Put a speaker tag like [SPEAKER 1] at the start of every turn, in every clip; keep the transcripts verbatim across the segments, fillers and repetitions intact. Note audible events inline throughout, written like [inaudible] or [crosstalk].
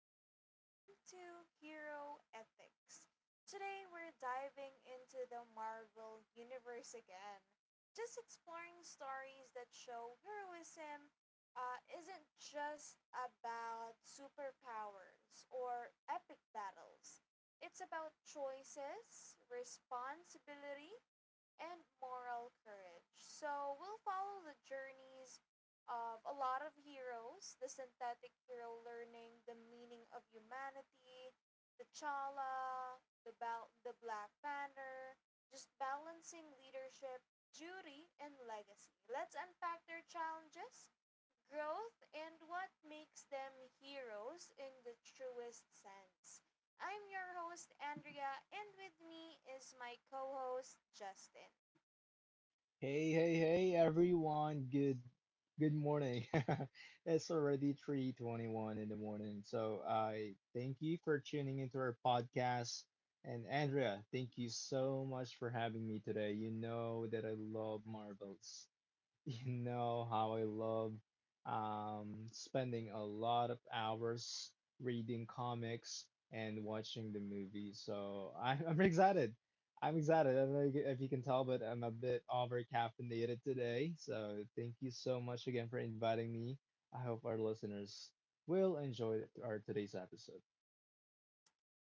[SPEAKER 1] and welcome to Hero Ethics. Today, we're diving into the Marvel Universe again, just exploring stories that show heroism uh, isn't just about superpowers or epic battles. It's about choices, responsibility, and moral courage. So we'll follow the journeys of a lot of heroes, the synthetic hero learning the meaning of humanity, the Chala, the, Bal- the Black Banner, just balancing leadership, duty, and legacy. Let's unpack their challenges, growth, and what makes them heroes in the truest sense. I'm your host, Andrea, and with me is my co host, Justin.
[SPEAKER 2] Hey, hey, hey, everyone. Good good morning. [laughs] It's already three twenty-one in the morning. So, I thank you for tuning into our podcast. And Andrea, thank you so much for having me today. You know that I love marbles. [laughs] You know how I love um, spending a lot of hours reading comics and watching the movies. So I'm, [laughs] I'm excited. I'm excited. I don't know if you can tell, but I'm a bit over caffeinated today. So thank you so much again for inviting me. I hope our listeners will enjoy our today's episode.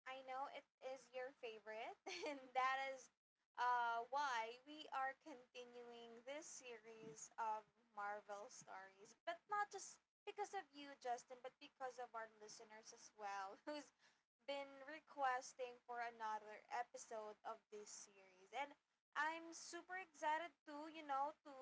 [SPEAKER 1] I know it is your favorite, [laughs] and that is uh, why we are continuing this series of Marvel stories, but not just because of you, Justin, but because of our listeners as well, [laughs] who's been requesting for another episode of this series. And I'm super excited to, you know, to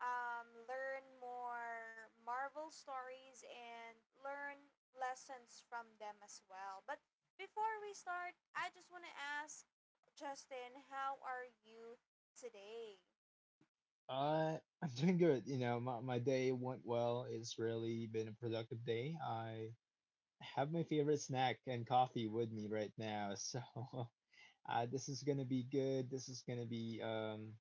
[SPEAKER 1] um, learn more Marvel stories and learn lessons from them as well. But before we start, I just want to ask Justin, how are you today?
[SPEAKER 2] Uh, [laughs] I'm doing good. You know, my, my day went well. It's really been a productive day. I have my favorite snack and coffee with me right now. So [laughs] uh, this is gonna be good. This is gonna be um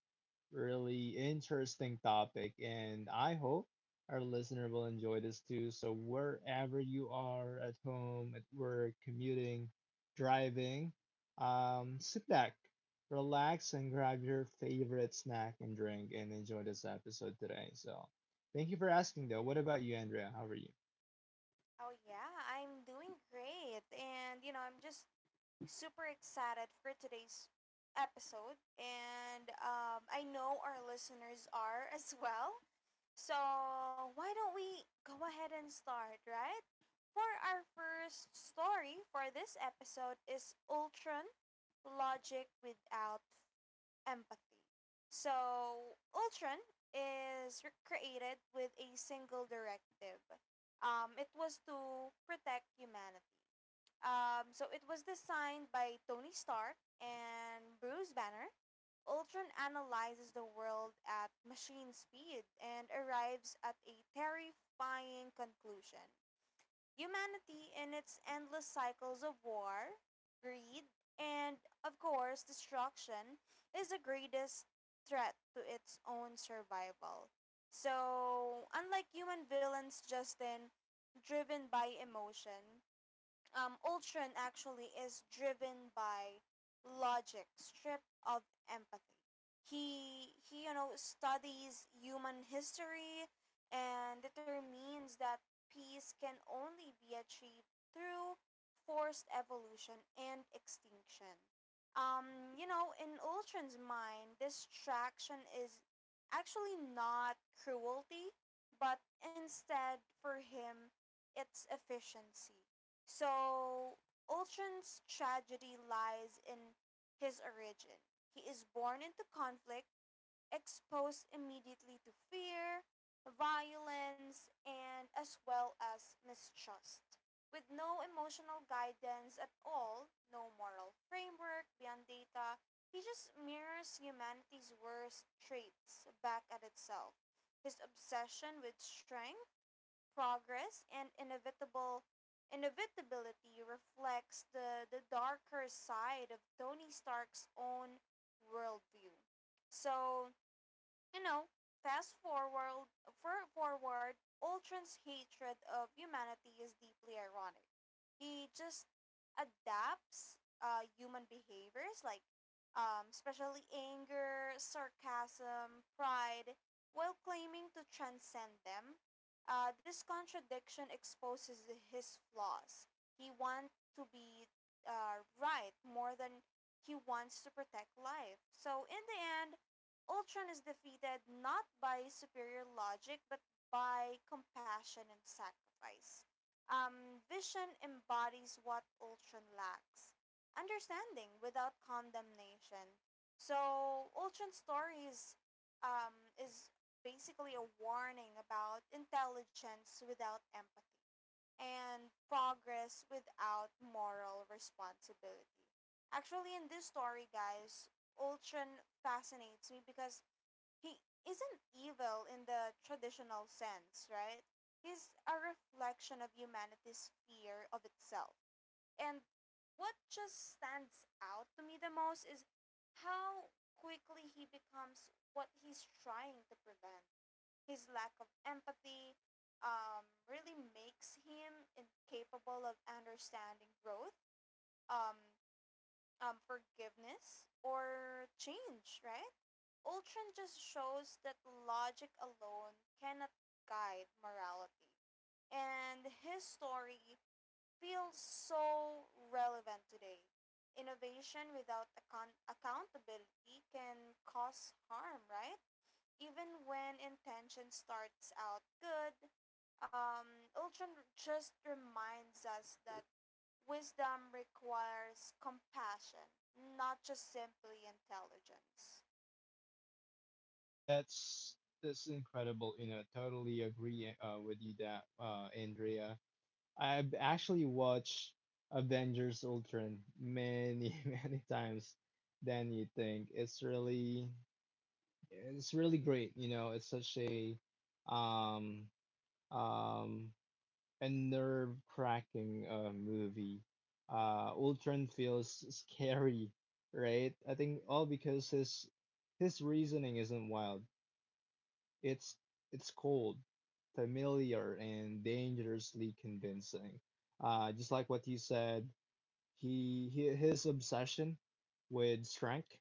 [SPEAKER 2] really interesting topic, and I hope our listener will enjoy this too. So wherever you are at home, at work, commuting, driving, um, sit back, relax, and grab your favorite snack and drink and enjoy this episode today. So thank you for asking though. What about you, Andrea? How are you?
[SPEAKER 1] Oh yeah, I'm doing great. And you know, I'm just super excited for today's episode. And um, I know our listeners are as well. So why don't we go ahead and start, right? For our first story for this episode is Ultron, Logic Without empathy. So Ultron is re- created with a single directive. Um, it was to protect humanity. Um, so, it was designed by Tony Stark and Bruce Banner. Ultron analyzes the world at machine speed and arrives at a terrifying conclusion. Humanity, in its endless cycles of war, greed, and, of course, destruction, is the greatest threat to its own survival. So, unlike human villains, Justin, driven by emotion, um, Ultron actually is driven by logic, stripped of empathy. He he, you know, studies human history and determines that peace can only be achieved through forced evolution and extinction. Um, you know, in Ultron's mind, distraction is actually not cruelty, but instead for him, it's efficiency. So Ultron's tragedy lies in his origin. He is born into conflict, exposed immediately to fear, violence, and as well as mistrust. With no emotional guidance at all, no moral framework beyond data, he just mirrors humanity's worst traits back at itself. His obsession with strength, progress, and inevitable inevitability reflects the, the darker side of Tony Stark's own worldview. So you know, fast forward, for forward, Ultron's hatred of humanity is deeply ironic. He just adapts uh, human behaviors like um, especially anger, sarcasm, pride, while claiming to transcend them. Uh, this contradiction exposes his flaws. He wants to be uh, right more than he wants to protect life. So, in the end, Ultron is defeated not by superior logic, but by compassion and sacrifice. Um, Vision embodies what Ultron lacks: understanding without condemnation. So Ultron's story is, um, is basically a warning about intelligence without empathy and progress without moral responsibility. Actually, in this story, guys, Ultron fascinates me because he isn't evil in the traditional sense, right? He's a reflection of humanity's fear of itself. And what just stands out to me the most is how quickly he becomes what he's trying to prevent. His lack of empathy um, really makes him incapable of understanding growth, um, um, forgiveness, or change, right? Ultron just shows that logic alone cannot guide morality. And his story feels so relevant today. Innovation without account- accountability can cause harm, right? Even when intention starts out good, um, Ultron just reminds us that wisdom requires compassion, not just simply intelligence.
[SPEAKER 2] That's that's incredible. You know, totally agree uh, with you that uh, Andrea. I've actually watched Avengers Ultron many [laughs] many times than you think. It's really it's really great. You know, it's such a um um a nerve cracking uh, movie. Uh, Ultron feels scary, right? I think all because his his reasoning isn't wild. It's it's cold, familiar, and dangerously convincing. Uh, just like what you said, he, he his obsession with strength,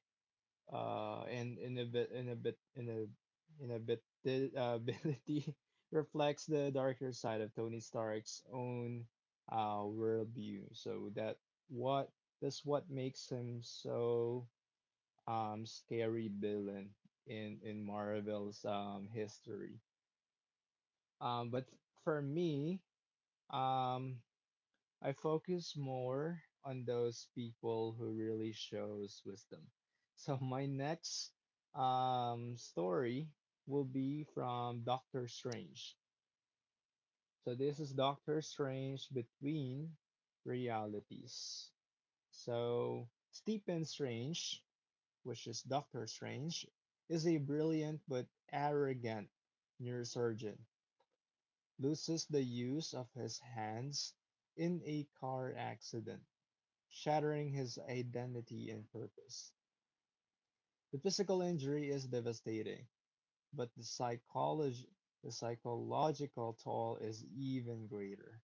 [SPEAKER 2] uh, and in a bit in a bit in a in a bit the uh, [laughs] ability reflects the darker side of Tony Stark's own uh, worldview. So that what that's what makes him so um scary villain in in Marvel's um history. Um, but for me, um, I focus more on those people who really shows wisdom. So [laughs] my next um, story will be from Doctor Strange. So this is Doctor Strange between realities. So Stephen Strange, which is Doctor Strange, is a brilliant but arrogant neurosurgeon loses the use of his hands in a car accident, shattering his identity and purpose. The physical injury is devastating, but the psycholog- the psychological toll is even greater.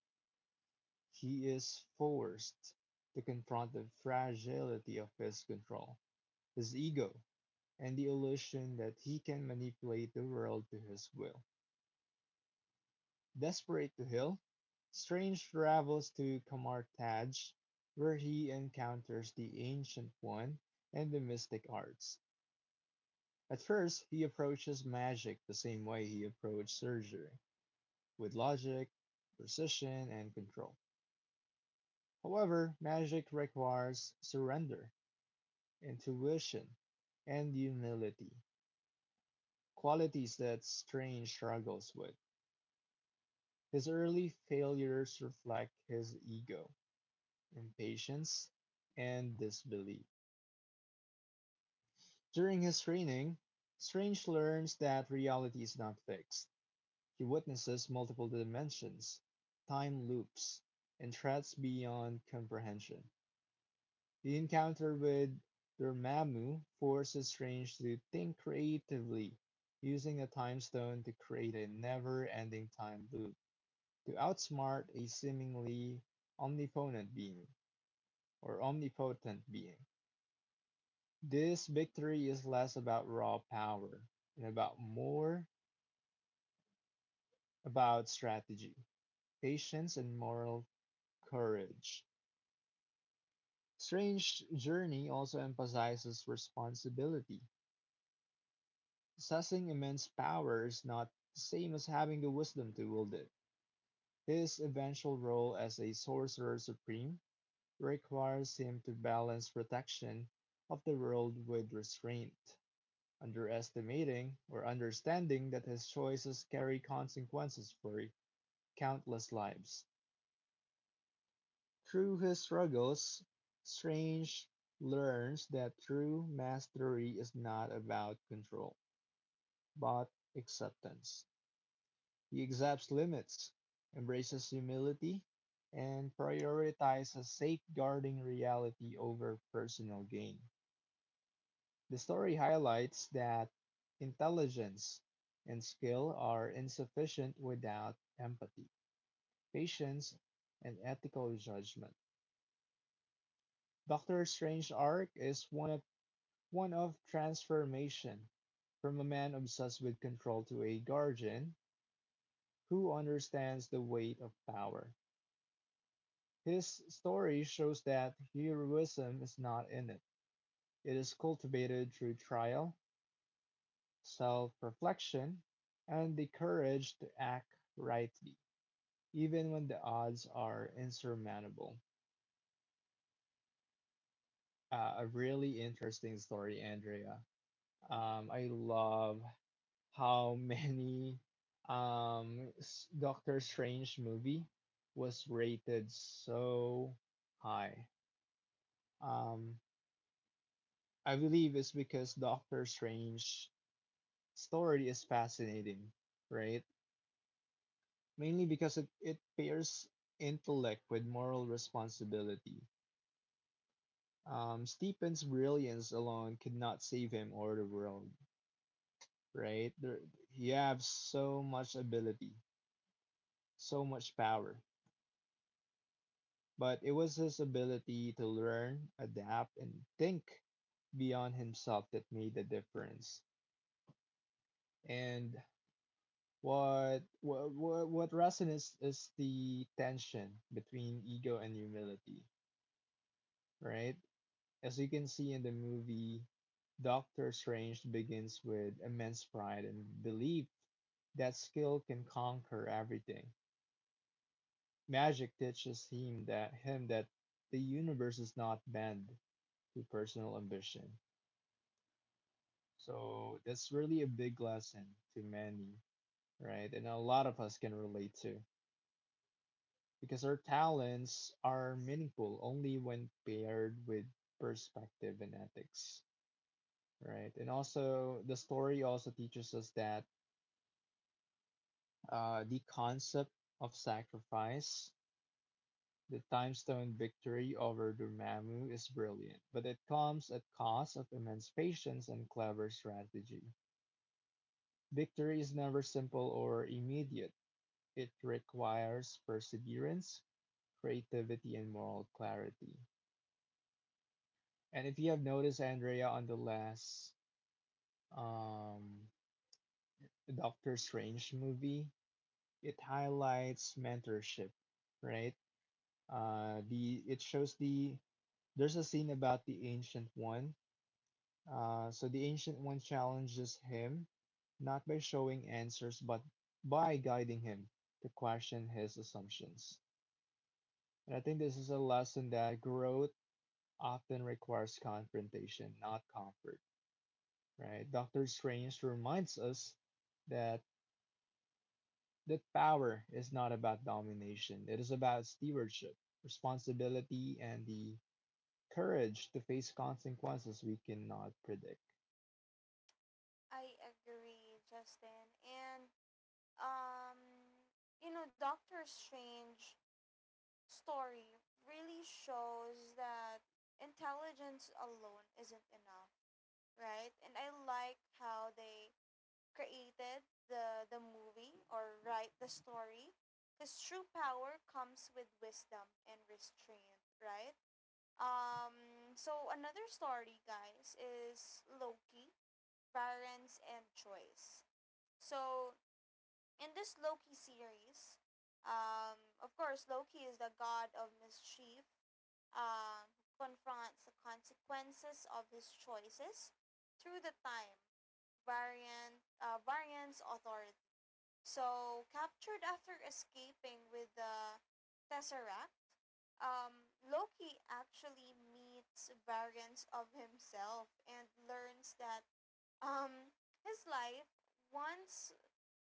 [SPEAKER 2] He is forced to confront the fragility of his control, his ego, and the illusion that he can manipulate the world to his will. Desperate to heal, Strange travels to Kamartaj, where he encounters the Ancient One and the mystic arts. At first, he approaches magic the same way he approached surgery, with logic, precision, and control. However, magic requires surrender, intuition, and humility, qualities that Strange struggles with. His early failures reflect his ego, impatience, and disbelief. During his training, Strange learns that reality is not fixed; he witnesses multiple dimensions, time loops, and threats beyond comprehension. The encounter with Dormammu forces Strange to think creatively, using a Time Stone to create a never ending time loop to outsmart a seemingly omnipotent being or omnipotent being. This victory is less about raw power and about more about strategy, patience, and moral courage. Strange Journey also emphasizes responsibility. Possessing immense power is not the same as having the wisdom to wield it. His eventual role as a sorcerer supreme requires him to balance protection of the world with restraint, underestimating or understanding that his choices carry consequences for countless lives. Through his struggles, Strange learns that true mastery is not about control, but acceptance. He accepts limits, embraces humility, and prioritizes safeguarding reality over personal gain. The story highlights that intelligence and skill are insufficient without empathy, patience, and ethical judgment. Doctor Strange's arc is one of one of transformation from a man obsessed with control to a guardian who understands the weight of power. His story shows that heroism is not innate; it is cultivated through trial, self reflection, and the courage to act rightly, even when the odds are insurmountable. Uh, a really interesting story, Andrea. Um, I love how many um, s- Doctor Strange movie was rated so high. Um, I believe it's because Doctor Strange story is fascinating, right? Mainly because it, it pairs intellect with moral responsibility. Um, Stephen's brilliance alone could not save him or the world, right? There, he have so much ability, so much power. But it was his ability to learn, adapt, and think beyond himself that made the difference. And what what what, what resonates is the tension between ego and humility, right? As you can see in the movie, Doctor Strange begins with immense pride and belief that skill can conquer everything. Magic teaches him that him that the universe is not bound to personal ambition. So that's really a big lesson to many, right? And a lot of us can relate to because our talents are meaningful only when paired with perspective and ethics, right? And also, the story also teaches us that uh, the concept of sacrifice, the time stone victory over Dormammu is brilliant, but it comes at cost of immense patience and clever strategy. Victory is never simple or immediate. It requires perseverance, creativity, and moral clarity. And if you have noticed, Andrea, on the last um, Doctor Strange movie, it highlights mentorship, right? Uh, the it shows the there's a scene about the ancient one. Uh, so the ancient one challenges him not by showing answers, but by guiding him to question his assumptions. And I think this is a lesson that growth often requires confrontation, not comfort, right? Doctor Strange reminds us that that power is not about domination. It is about stewardship, responsibility, and the courage to face consequences we cannot predict.
[SPEAKER 1] I agree, Justin. And um, you know, Doctor Strange story really shows that intelligence alone isn't enough, right? And I like how they created the the movie or write the story because true power comes with wisdom and restraint, right? Um, so another story, guys, is Loki, Varans, and Choice. So in this Loki series, um, of course, Loki is the god of mischief, um, who confronts the consequences of his choices through the time, variant, uh, variants authority. So, captured after escaping with the Tesseract, um, Loki actually meets variants of himself and learns that um, his life, once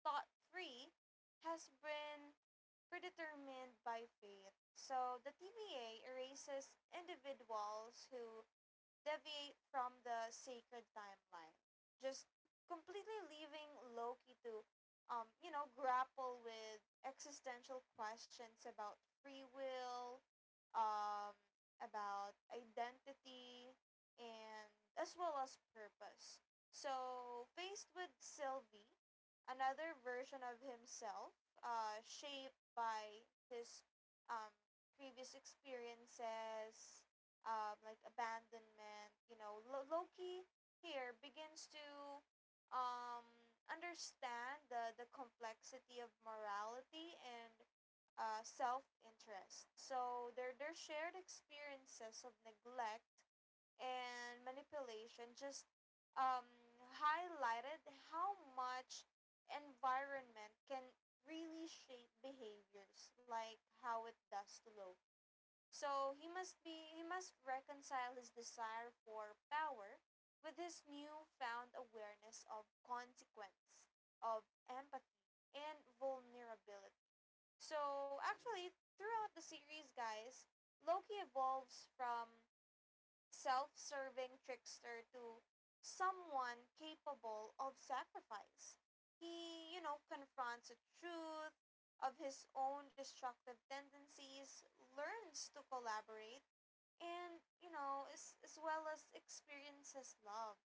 [SPEAKER 1] thought free, has been predetermined by faith. So the T V A erases individuals who deviate from the sacred timeline, just completely leaving Loki to, um, you know, grapple with existential questions about free will, um, about identity, and as well as purpose. So, faced with Sylvie, another version of himself, uh, shaped by his um, previous experiences, um, like abandonment, you know, Lo- Loki here begins to um, understand the, the complexity of morality and uh, self interest. So their their shared experiences of neglect and manipulation just um, highlighted how much environment can really shape behaviors like how it does to Loki. So he must be he must reconcile his desire for power with his newfound awareness of consequence, of empathy and vulnerability. So actually throughout the series, guys, Loki evolves from self-serving trickster to someone capable of sacrifice. He, you know, confronts the truth of his own destructive tendencies, learns to collaborate, and you know as, as well as experiences love,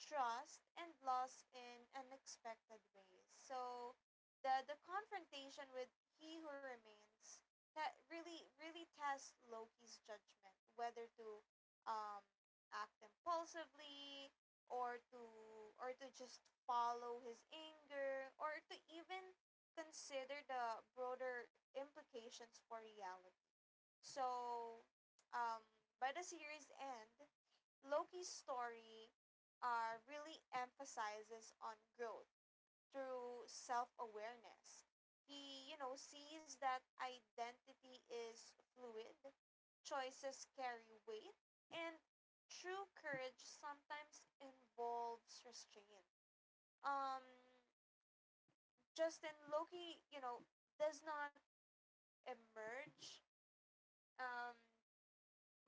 [SPEAKER 1] trust, and loss in unexpected ways. So the the confrontation with He Who Remains that really really tests Loki's judgment, whether to um act impulsively, or to or to just follow his anger, or to even consider the broader implications for reality. So, um, by the series end, Loki's story uh, really emphasizes on growth through self awareness. He, you know, sees that identity is fluid, choices carry weight, and true courage sometimes involves restraint. Um, Justin, Loki, you know, does not emerge um,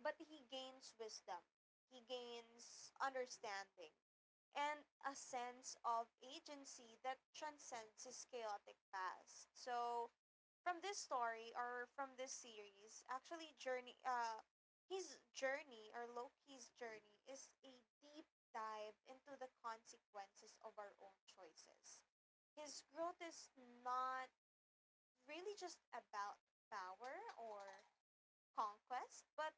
[SPEAKER 1] but he gains wisdom. He gains understanding and a sense of agency that transcends his chaotic past. So, from this story or from this series, actually, journey, uh, his journey or Loki's journey is a deep dive into the consequences of our own choices. His growth is not really just about power or conquest, but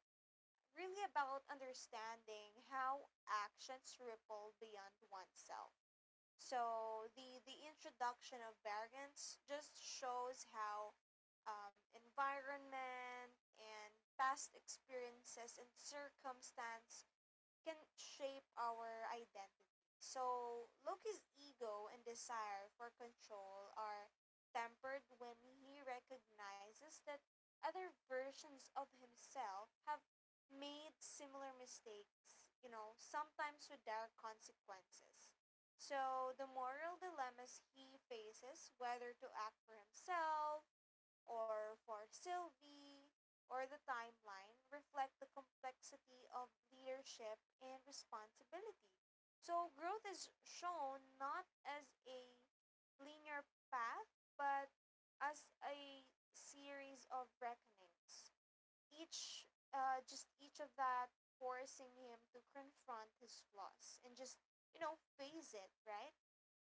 [SPEAKER 1] really about understanding how actions ripple beyond oneself. So the the introduction of variance just shows how um, environment and past experiences and circumstances can shape our identity. So Loki's ego and desire for control are tempered when he recognizes that other versions of himself have made similar mistakes, you know, sometimes with dire consequences. So the moral dilemmas he faces, whether to act for himself, or for Sylvie or the timeline, reflect the complexity of leadership and responsibility. So growth is shown not as a linear path but as a series of reckonings, Each uh, just each of that forcing him to confront his flaws and just, you know, face it, right?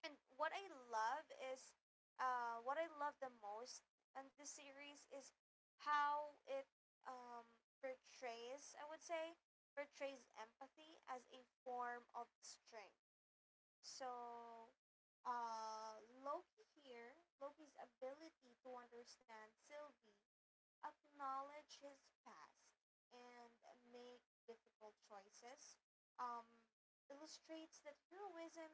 [SPEAKER 1] And what I love is, uh, what I love the most in this series is how it um, portrays, I would say, portrays empathy as a form of strength. So, uh, Loki here, Loki's ability to understand Sylvie, acknowledge his past, and make difficult choices um, illustrates that heroism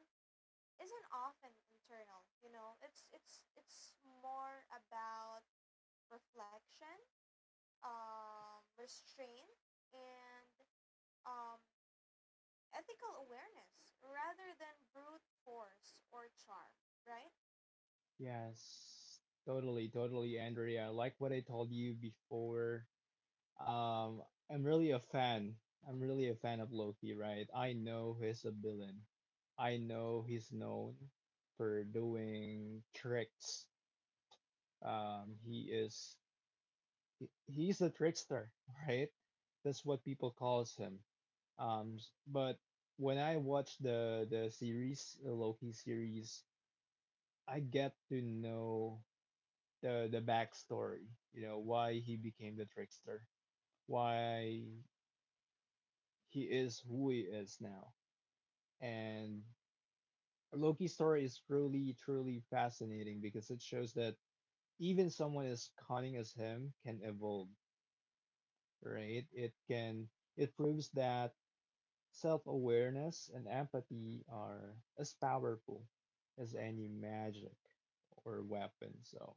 [SPEAKER 1] isn't often internal, you know, it's it's it's more about reflection, um restraint, and um ethical awareness rather than brute force or charm, right?
[SPEAKER 2] Yes, totally, totally, Andrea. Like what I told you before, Um, I'm really a fan. I'm really a fan of Loki, right? I know he's a villain. I know he's known for doing tricks. Um, he is he, he's a trickster, [laughs] right? That's what people calls him. Um, s- but when I watch the the series, the Loki series, I get to know the the backstory. You know, why he became the trickster, why he is who he is now. And Loki's story is really, truly fascinating because it shows that even someone as cunning as him can evolve, right? It can, it proves that self-awareness and empathy are as powerful as any magic or weapon. So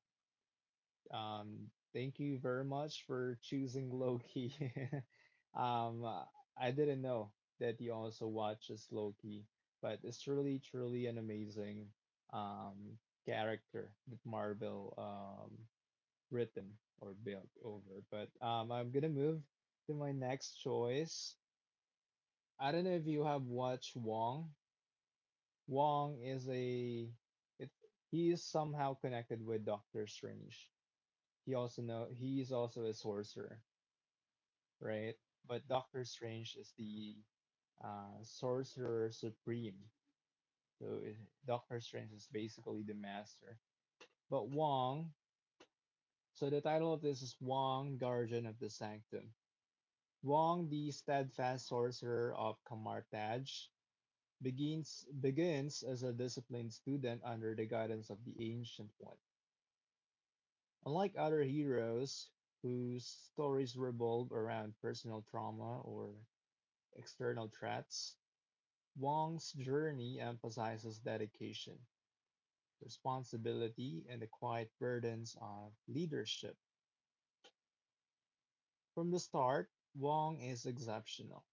[SPEAKER 2] Um, thank you very much for choosing Loki. [laughs] Um, I didn't know that you also watches Loki, but it's really, truly an amazing um, character that Marvel um, written or built over. But um, I'm gonna move to my next choice. I don't know if you have watched Wong. Wong is a it, he is somehow connected with Doctor Strange. He also know he is also a sorcerer, right? But Doctor Strange is the uh, sorcerer supreme. So it- Doctor Strange is basically the master. But Wong, so the title of this is Wong, Guardian of the Sanctum. Wong, the steadfast sorcerer of Kamartaj, begins begins as a disciplined student under the guidance of the Ancient One. Unlike other heroes whose stories revolve around personal trauma or external threats, Wong's journey emphasizes dedication, responsibility, and the quiet burdens of leadership. From the start, Wong is exceptional,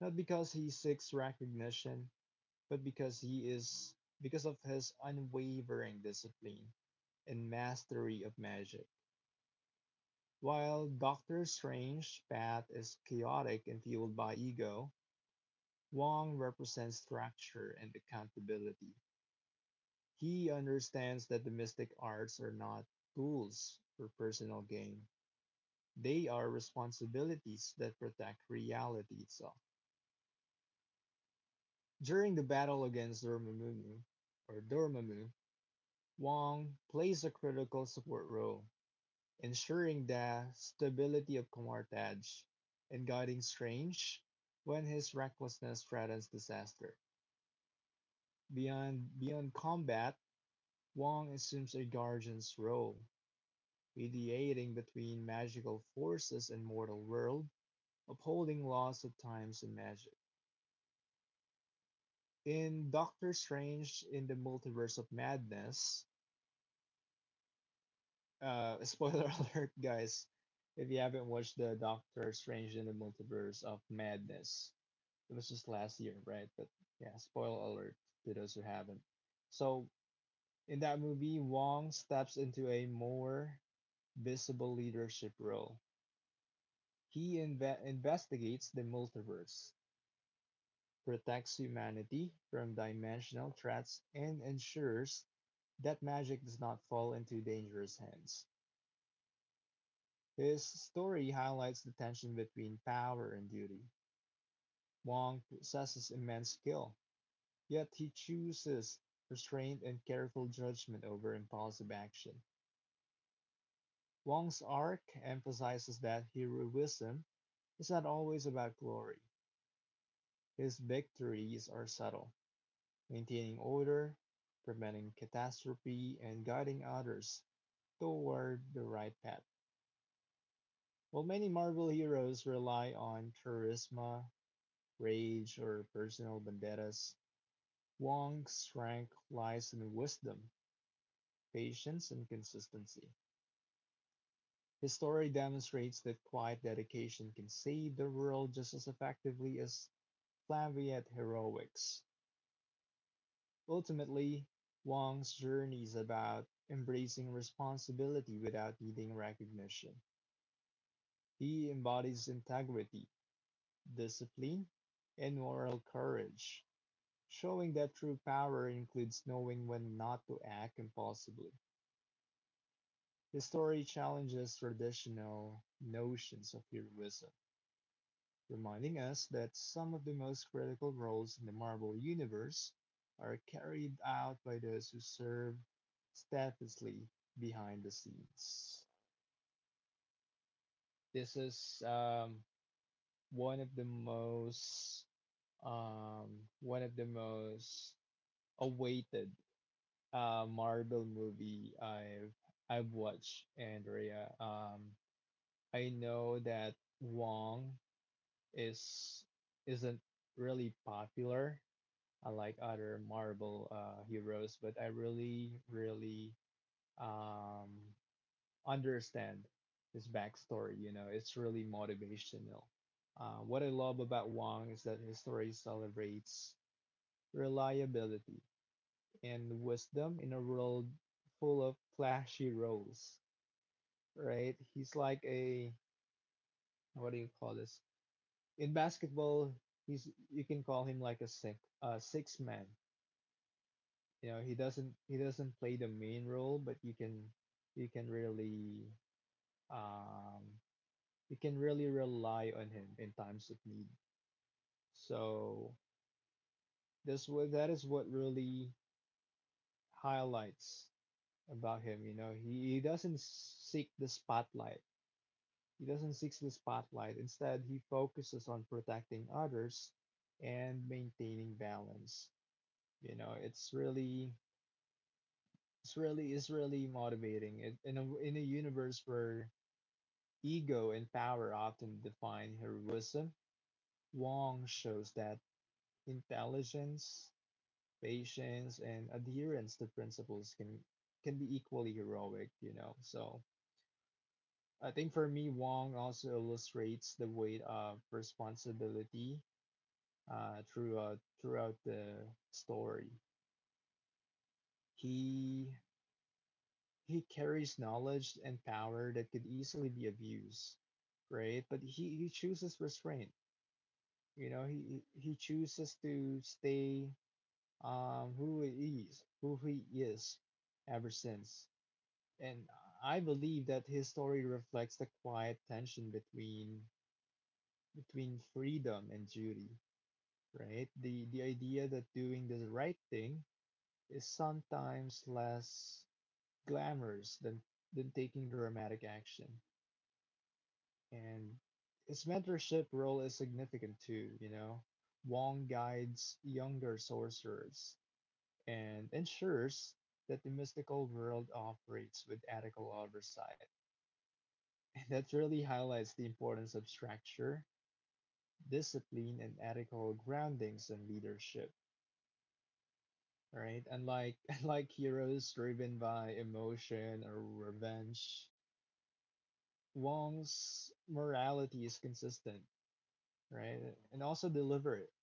[SPEAKER 2] not because he seeks recognition, but because he is because of his unwavering discipline and mastery of magic. While Doctor Strange's path is chaotic and fueled by ego, Wong represents structure and accountability. He understands that the mystic arts are not tools for personal gain. They are responsibilities that protect reality itself. During the battle against Dormammu, or Dormammu, Wong plays a critical support role, ensuring the stability of Comartage and guiding Strange when his recklessness threatens disaster. Beyond beyond combat, Wong assumes a guardian's role, mediating between magical forces and mortal world, upholding laws of times and magic. In Doctor Strange in the Multiverse of Madness, uh, [laughs] spoiler alert, guys, if you haven't watched the Doctor Strange in the Multiverse of Madness, it was just last year, right? But yeah, spoiler alert to those who haven't. So in that movie, Wong steps into a more visible leadership role. He inve- investigates the multiverse, protects humanity from dimensional threats, and ensures that magic does not fall into dangerous hands. His story highlights the tension between power and duty. Wong possesses immense skill, yet he chooses restraint and careful judgment over impulsive action. Wong's arc emphasizes that heroism is not always about glory. His victories are subtle, maintaining order, preventing catastrophe, and guiding others toward the right path. While many Marvel heroes rely on charisma, rage, or personal vendettas, Wong's strength lies in wisdom, patience, and consistency. His story demonstrates that quiet dedication can save the world just as effectively as flamboyant heroics. Ultimately, Wong's journey is about embracing responsibility without needing recognition. He embodies integrity, discipline, and moral courage, showing that true power includes knowing when not to act impulsively. The story challenges traditional notions of heroism, reminding us that some of the most critical roles in the Marvel Universe are carried out by those who serve steadfastly behind the scenes. This is um, one of the most um, one of the most awaited uh, Marvel movie I've I've watched, Andrea. Um, I know that Wong is isn't really popular, unlike other Marvel uh, heroes, but I really, really um, understand his backstory. You know, it's really motivational. Uh, what I love about Wong is that his story celebrates reliability and wisdom in a world full of flashy roles, right? He's like a, what do you call this? In basketball, he's you can call him like a six uh six man. You know, he doesn't he doesn't play the main role, but you can you can really um you can really rely on him in times of need. So this wa- that is what really highlights about him. You know, he, he doesn't seek the spotlight. He doesn't seek the spotlight. Instead, he focuses on protecting others and maintaining balance. You know, it's really it's really it's really motivating. It, in a in a universe where ego and power often define heroism, Wong shows that intelligence, patience, and adherence to principles can can be equally heroic, you know. So I think for me, Wong also illustrates the weight of responsibility uh, throughout throughout the story. He he carries knowledge and power that could easily be abused, right? But he, he chooses restraint. You know, he he chooses to stay um, who he is, who he is, ever since. And I believe that his story reflects the quiet tension between between freedom and duty, right? The the idea that doing the right thing is sometimes less glamorous than, than taking dramatic action. And his mentorship role is significant too, you know. Wong guides younger sorcerers and ensures that the mystical world operates with ethical oversight. [laughs] That really highlights the importance of structure, discipline, and ethical groundings in leadership, right? Unlike, [laughs] unlike heroes driven by emotion or revenge, Wong's morality is consistent, right? And also deliberate,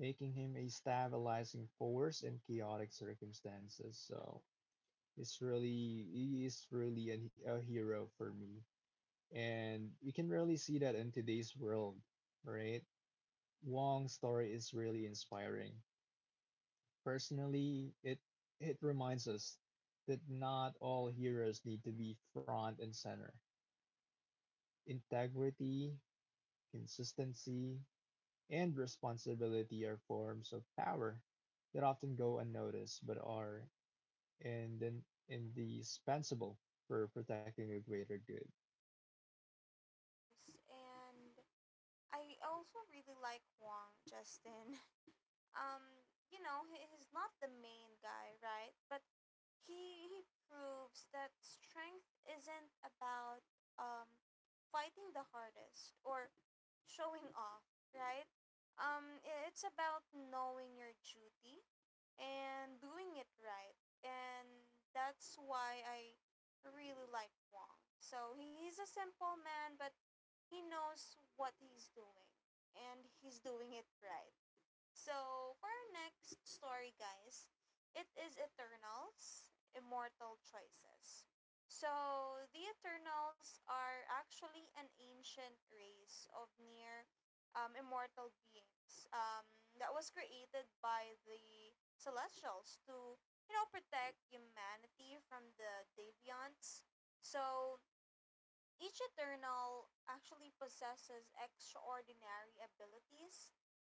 [SPEAKER 2] making him a stabilizing force in chaotic circumstances. So it's really he is really a, a hero for me. And you can really see that in today's world, right? Wong's story is really inspiring. Personally, it it reminds us that not all heroes need to be front and center. Integrity, consistency, and responsibility are forms of power that often go unnoticed but are ind- indispensable for protecting the greater good.
[SPEAKER 1] Yes, and I also really like Wong, Justin. [laughs] um you know, he, he's not the main guy, right, but he he proves that strength isn't about um fighting the hardest or showing off, right? Um I- it's about knowing your duty and doing it right. And that's why I really like Wong. So he's a simple man but he knows what he's doing and he's doing it right. So, for our next story, guys, it is Eternals, Immortal Choices. So the Eternals are actually an ancient race of near um, immortal beings um, that was created by the Celestials to, you know, protect humanity from the Deviants. So each Eternal actually possesses extraordinary abilities,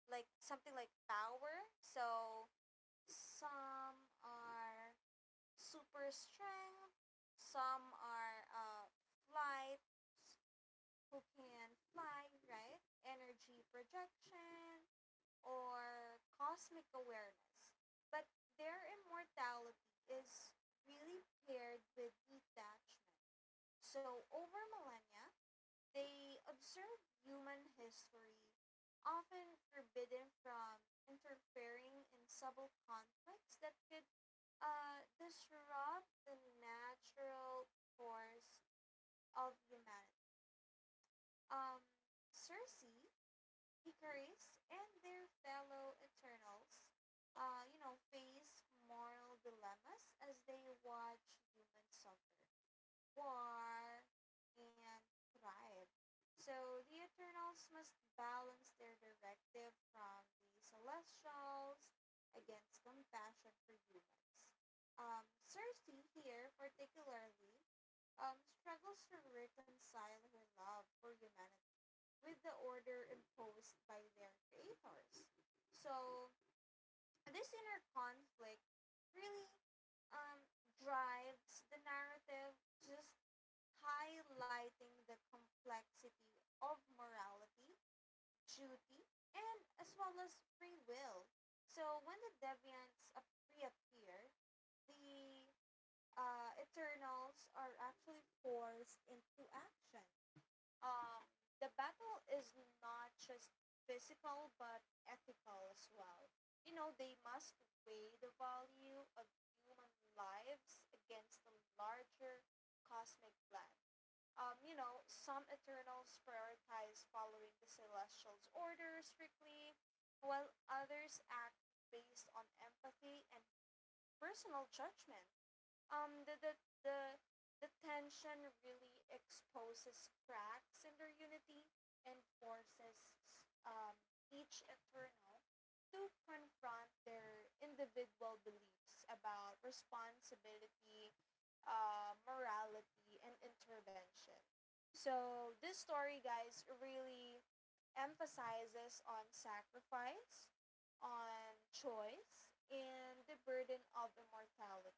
[SPEAKER 1] like something like power. So some are super strength, some are uh, flight, s- who can fly, right? Energy projection, or cosmic awareness. But their immortality is really paired with detachment. So over millennia, they observe human history, often forbidden from interfering in subtle conflicts that could uh, disrupt the natural course of humanity. Um, Circe, Icarus, and their fellow Eternals uh, you know, face moral dilemmas as they watch humans suffer, war, and thrive. So the Eternals must balance their directive from the Celestials against compassion for humans. Um, Cersei here, particularly, um, struggles to reconcile her love for humanity with the order imposed by their creators. So this inner conflict really um, drives the narrative, just highlighting the complexity of morality, duty, and as well as free will. So when the deviants ap- reappear, the uh, Eternals are actually forced into action. Um, the battle is not just physical but ethical as well. You know, they must weigh the value of human lives against the larger cosmic plan. Um, you know, some Eternals prioritize following the Celestial's orders strictly, while others act based on empathy and personal judgment. um the the the, the tension really exposes cracks in their unity and forces um, each eternal to confront their individual beliefs about responsibility, uh, morality, and intervention. So this story, guys, really emphasizes on sacrifice, on choice, and the burden of immortality.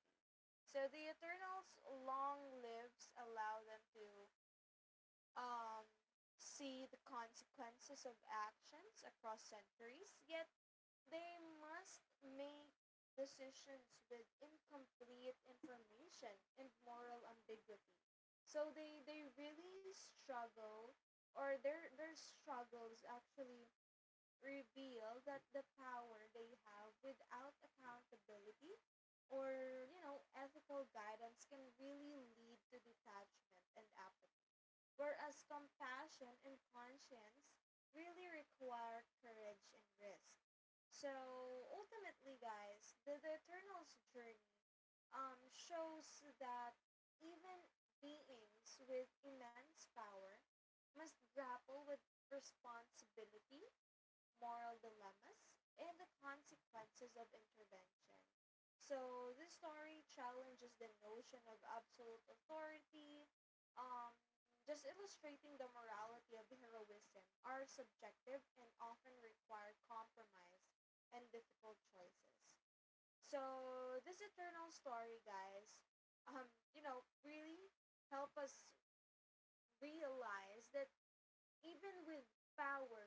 [SPEAKER 1] So the Eternals' long lives allow them to um, see the consequences of actions across centuries, yet they must make decisions with incomplete information and moral ambiguity. So they, they really struggle, or their, their struggles actually reveal that the power they have without accountability or you know ethical guidance can really lead to detachment and apathy, whereas compassion and conscience really require courage and risk. So ultimately, guys, the, the eternal's journey um, shows that even beings with immense power must grapple with responsibility, moral dilemmas, and the consequences of intervention. So this story challenges the notion of absolute authority, um, just illustrating the morality of heroism are subjective and often require compromise and difficult choices. So this eternal story, guys, um, you know, really help us realize that even with power,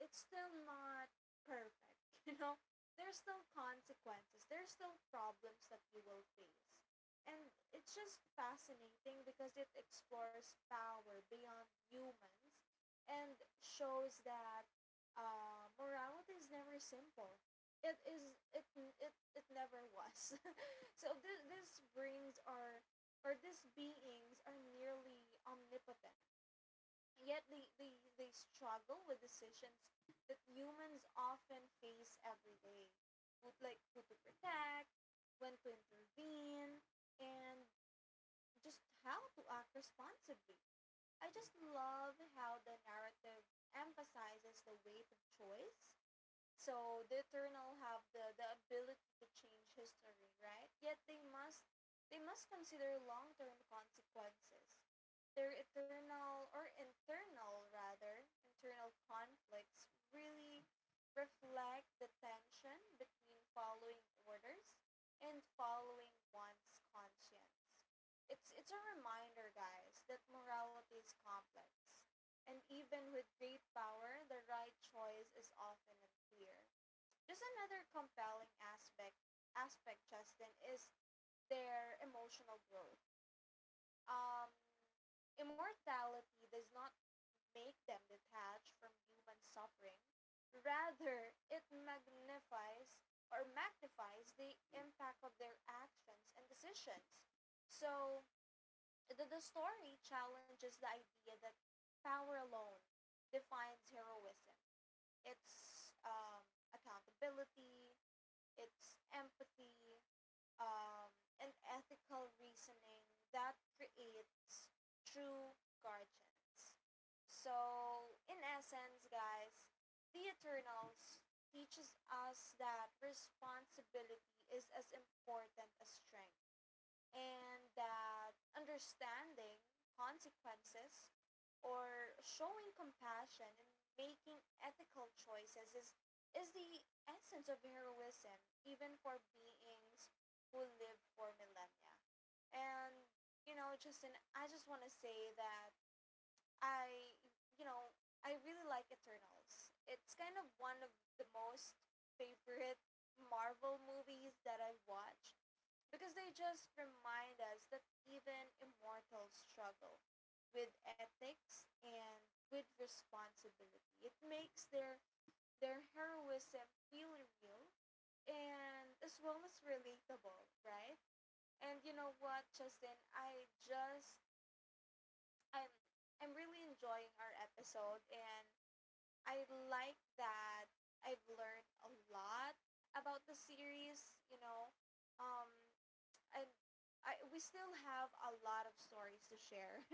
[SPEAKER 1] it's still not perfect, [laughs] you know? There's still consequences, there's still problems that you will face. And it's just fascinating because it explores power beyond humans and shows that uh, morality is never simple. It is it it, it never was. [laughs] so this this brings our, or these beings are nearly omnipotent. Yet they, they, they struggle with decisions that humans often face every day. Who- Like who to protect, when to intervene, and just how to act responsibly. I just love how the narrative emphasizes the weight of choice. So the Eternal have the, the ability to change history, right? Yet they must they must consider long term consequences. Their eternal, or internal rather, internal conflicts really reflect the tension between following orders and following one's conscience. It's it's a reminder, guys, that morality is complex, and even with great power, the right choice is often unclear. Just another compelling aspect aspect, Justin, is their emotional growth. Um, Immortality does not make them detached from human suffering. Rather, it magnifies, or magnifies the impact of their actions and decisions. So, the, the story challenges the idea that power alone defines heroism. It's um, accountability, it's empathy, um, and ethical reasoning that creates true guardians. So, in essence, guys, The Eternals teaches us that responsibility is as important as strength, and that understanding consequences or showing compassion and making ethical choices is is the essence of heroism, even for beings who live for millennia. And you know, Justin, I just want to say that I you know I really like Eternals. It's kind of one of the most favorite Marvel movies that I watch, because they just remind us that even immortals struggle with ethics and with responsibility. It makes their their heroism feel real and as well as relatable, right? And you know what, Justin, I just I'm I'm really enjoying our episode, and I like that I've learned a lot about the series, you know. Um and I, we still have a lot of stories to share. [laughs]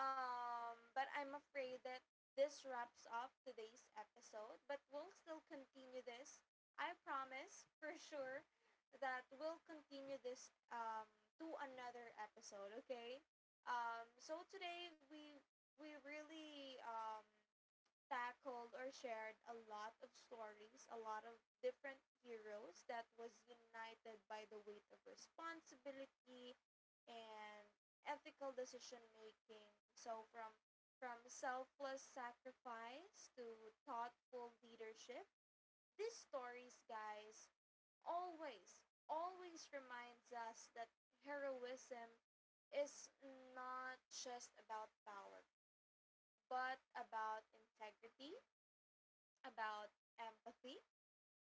[SPEAKER 1] um, But I'm afraid that this wraps up today's episode, but we'll still continue this. I promise for sure that we'll continue this um, to another episode, okay? Um, so today we we really um, tackled or shared a lot of stories, a lot of different heroes that was united by the weight of responsibility and ethical decision making. So from from selfless sacrifice to thoughtful leadership, these stories, guys, always always reminds us that heroism is not just about power, but about integrity, about empathy,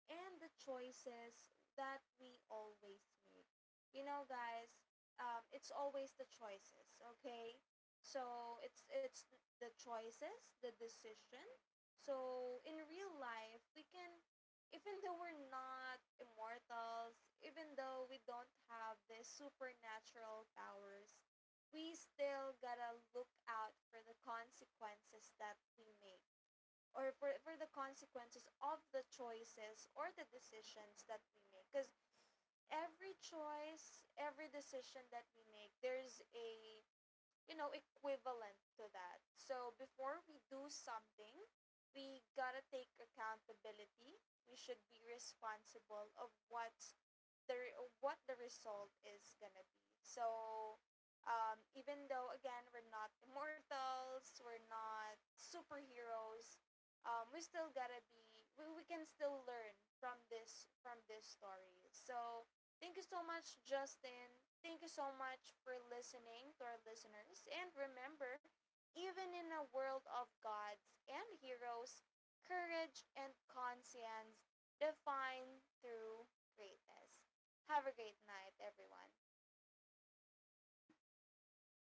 [SPEAKER 1] and the choices that we always make. You know, guys, um, it's always the choices, okay? So it's it's the choices, the decision. So in real life, we can, even though we're not immortals, even though we don't have the supernatural powers, we still gotta look out for the consequences that we make, or for, for the consequences of the choices or the decisions that we make, because every choice, every decision that we make, there's a, you know, equivalent to that. So before we do something, we gotta take accountability. We should be responsible of what's the re- what the result is gonna be. So, um, even though again we're not immortals, we're not superheroes, um, we still gotta be. We, we can still learn from this from this story. So, thank you so much, Justin. Thank you so much for listening to our listeners. And remember, even in a world of gods and heroes, courage and conscience define through greatness. Have a great night, everyone.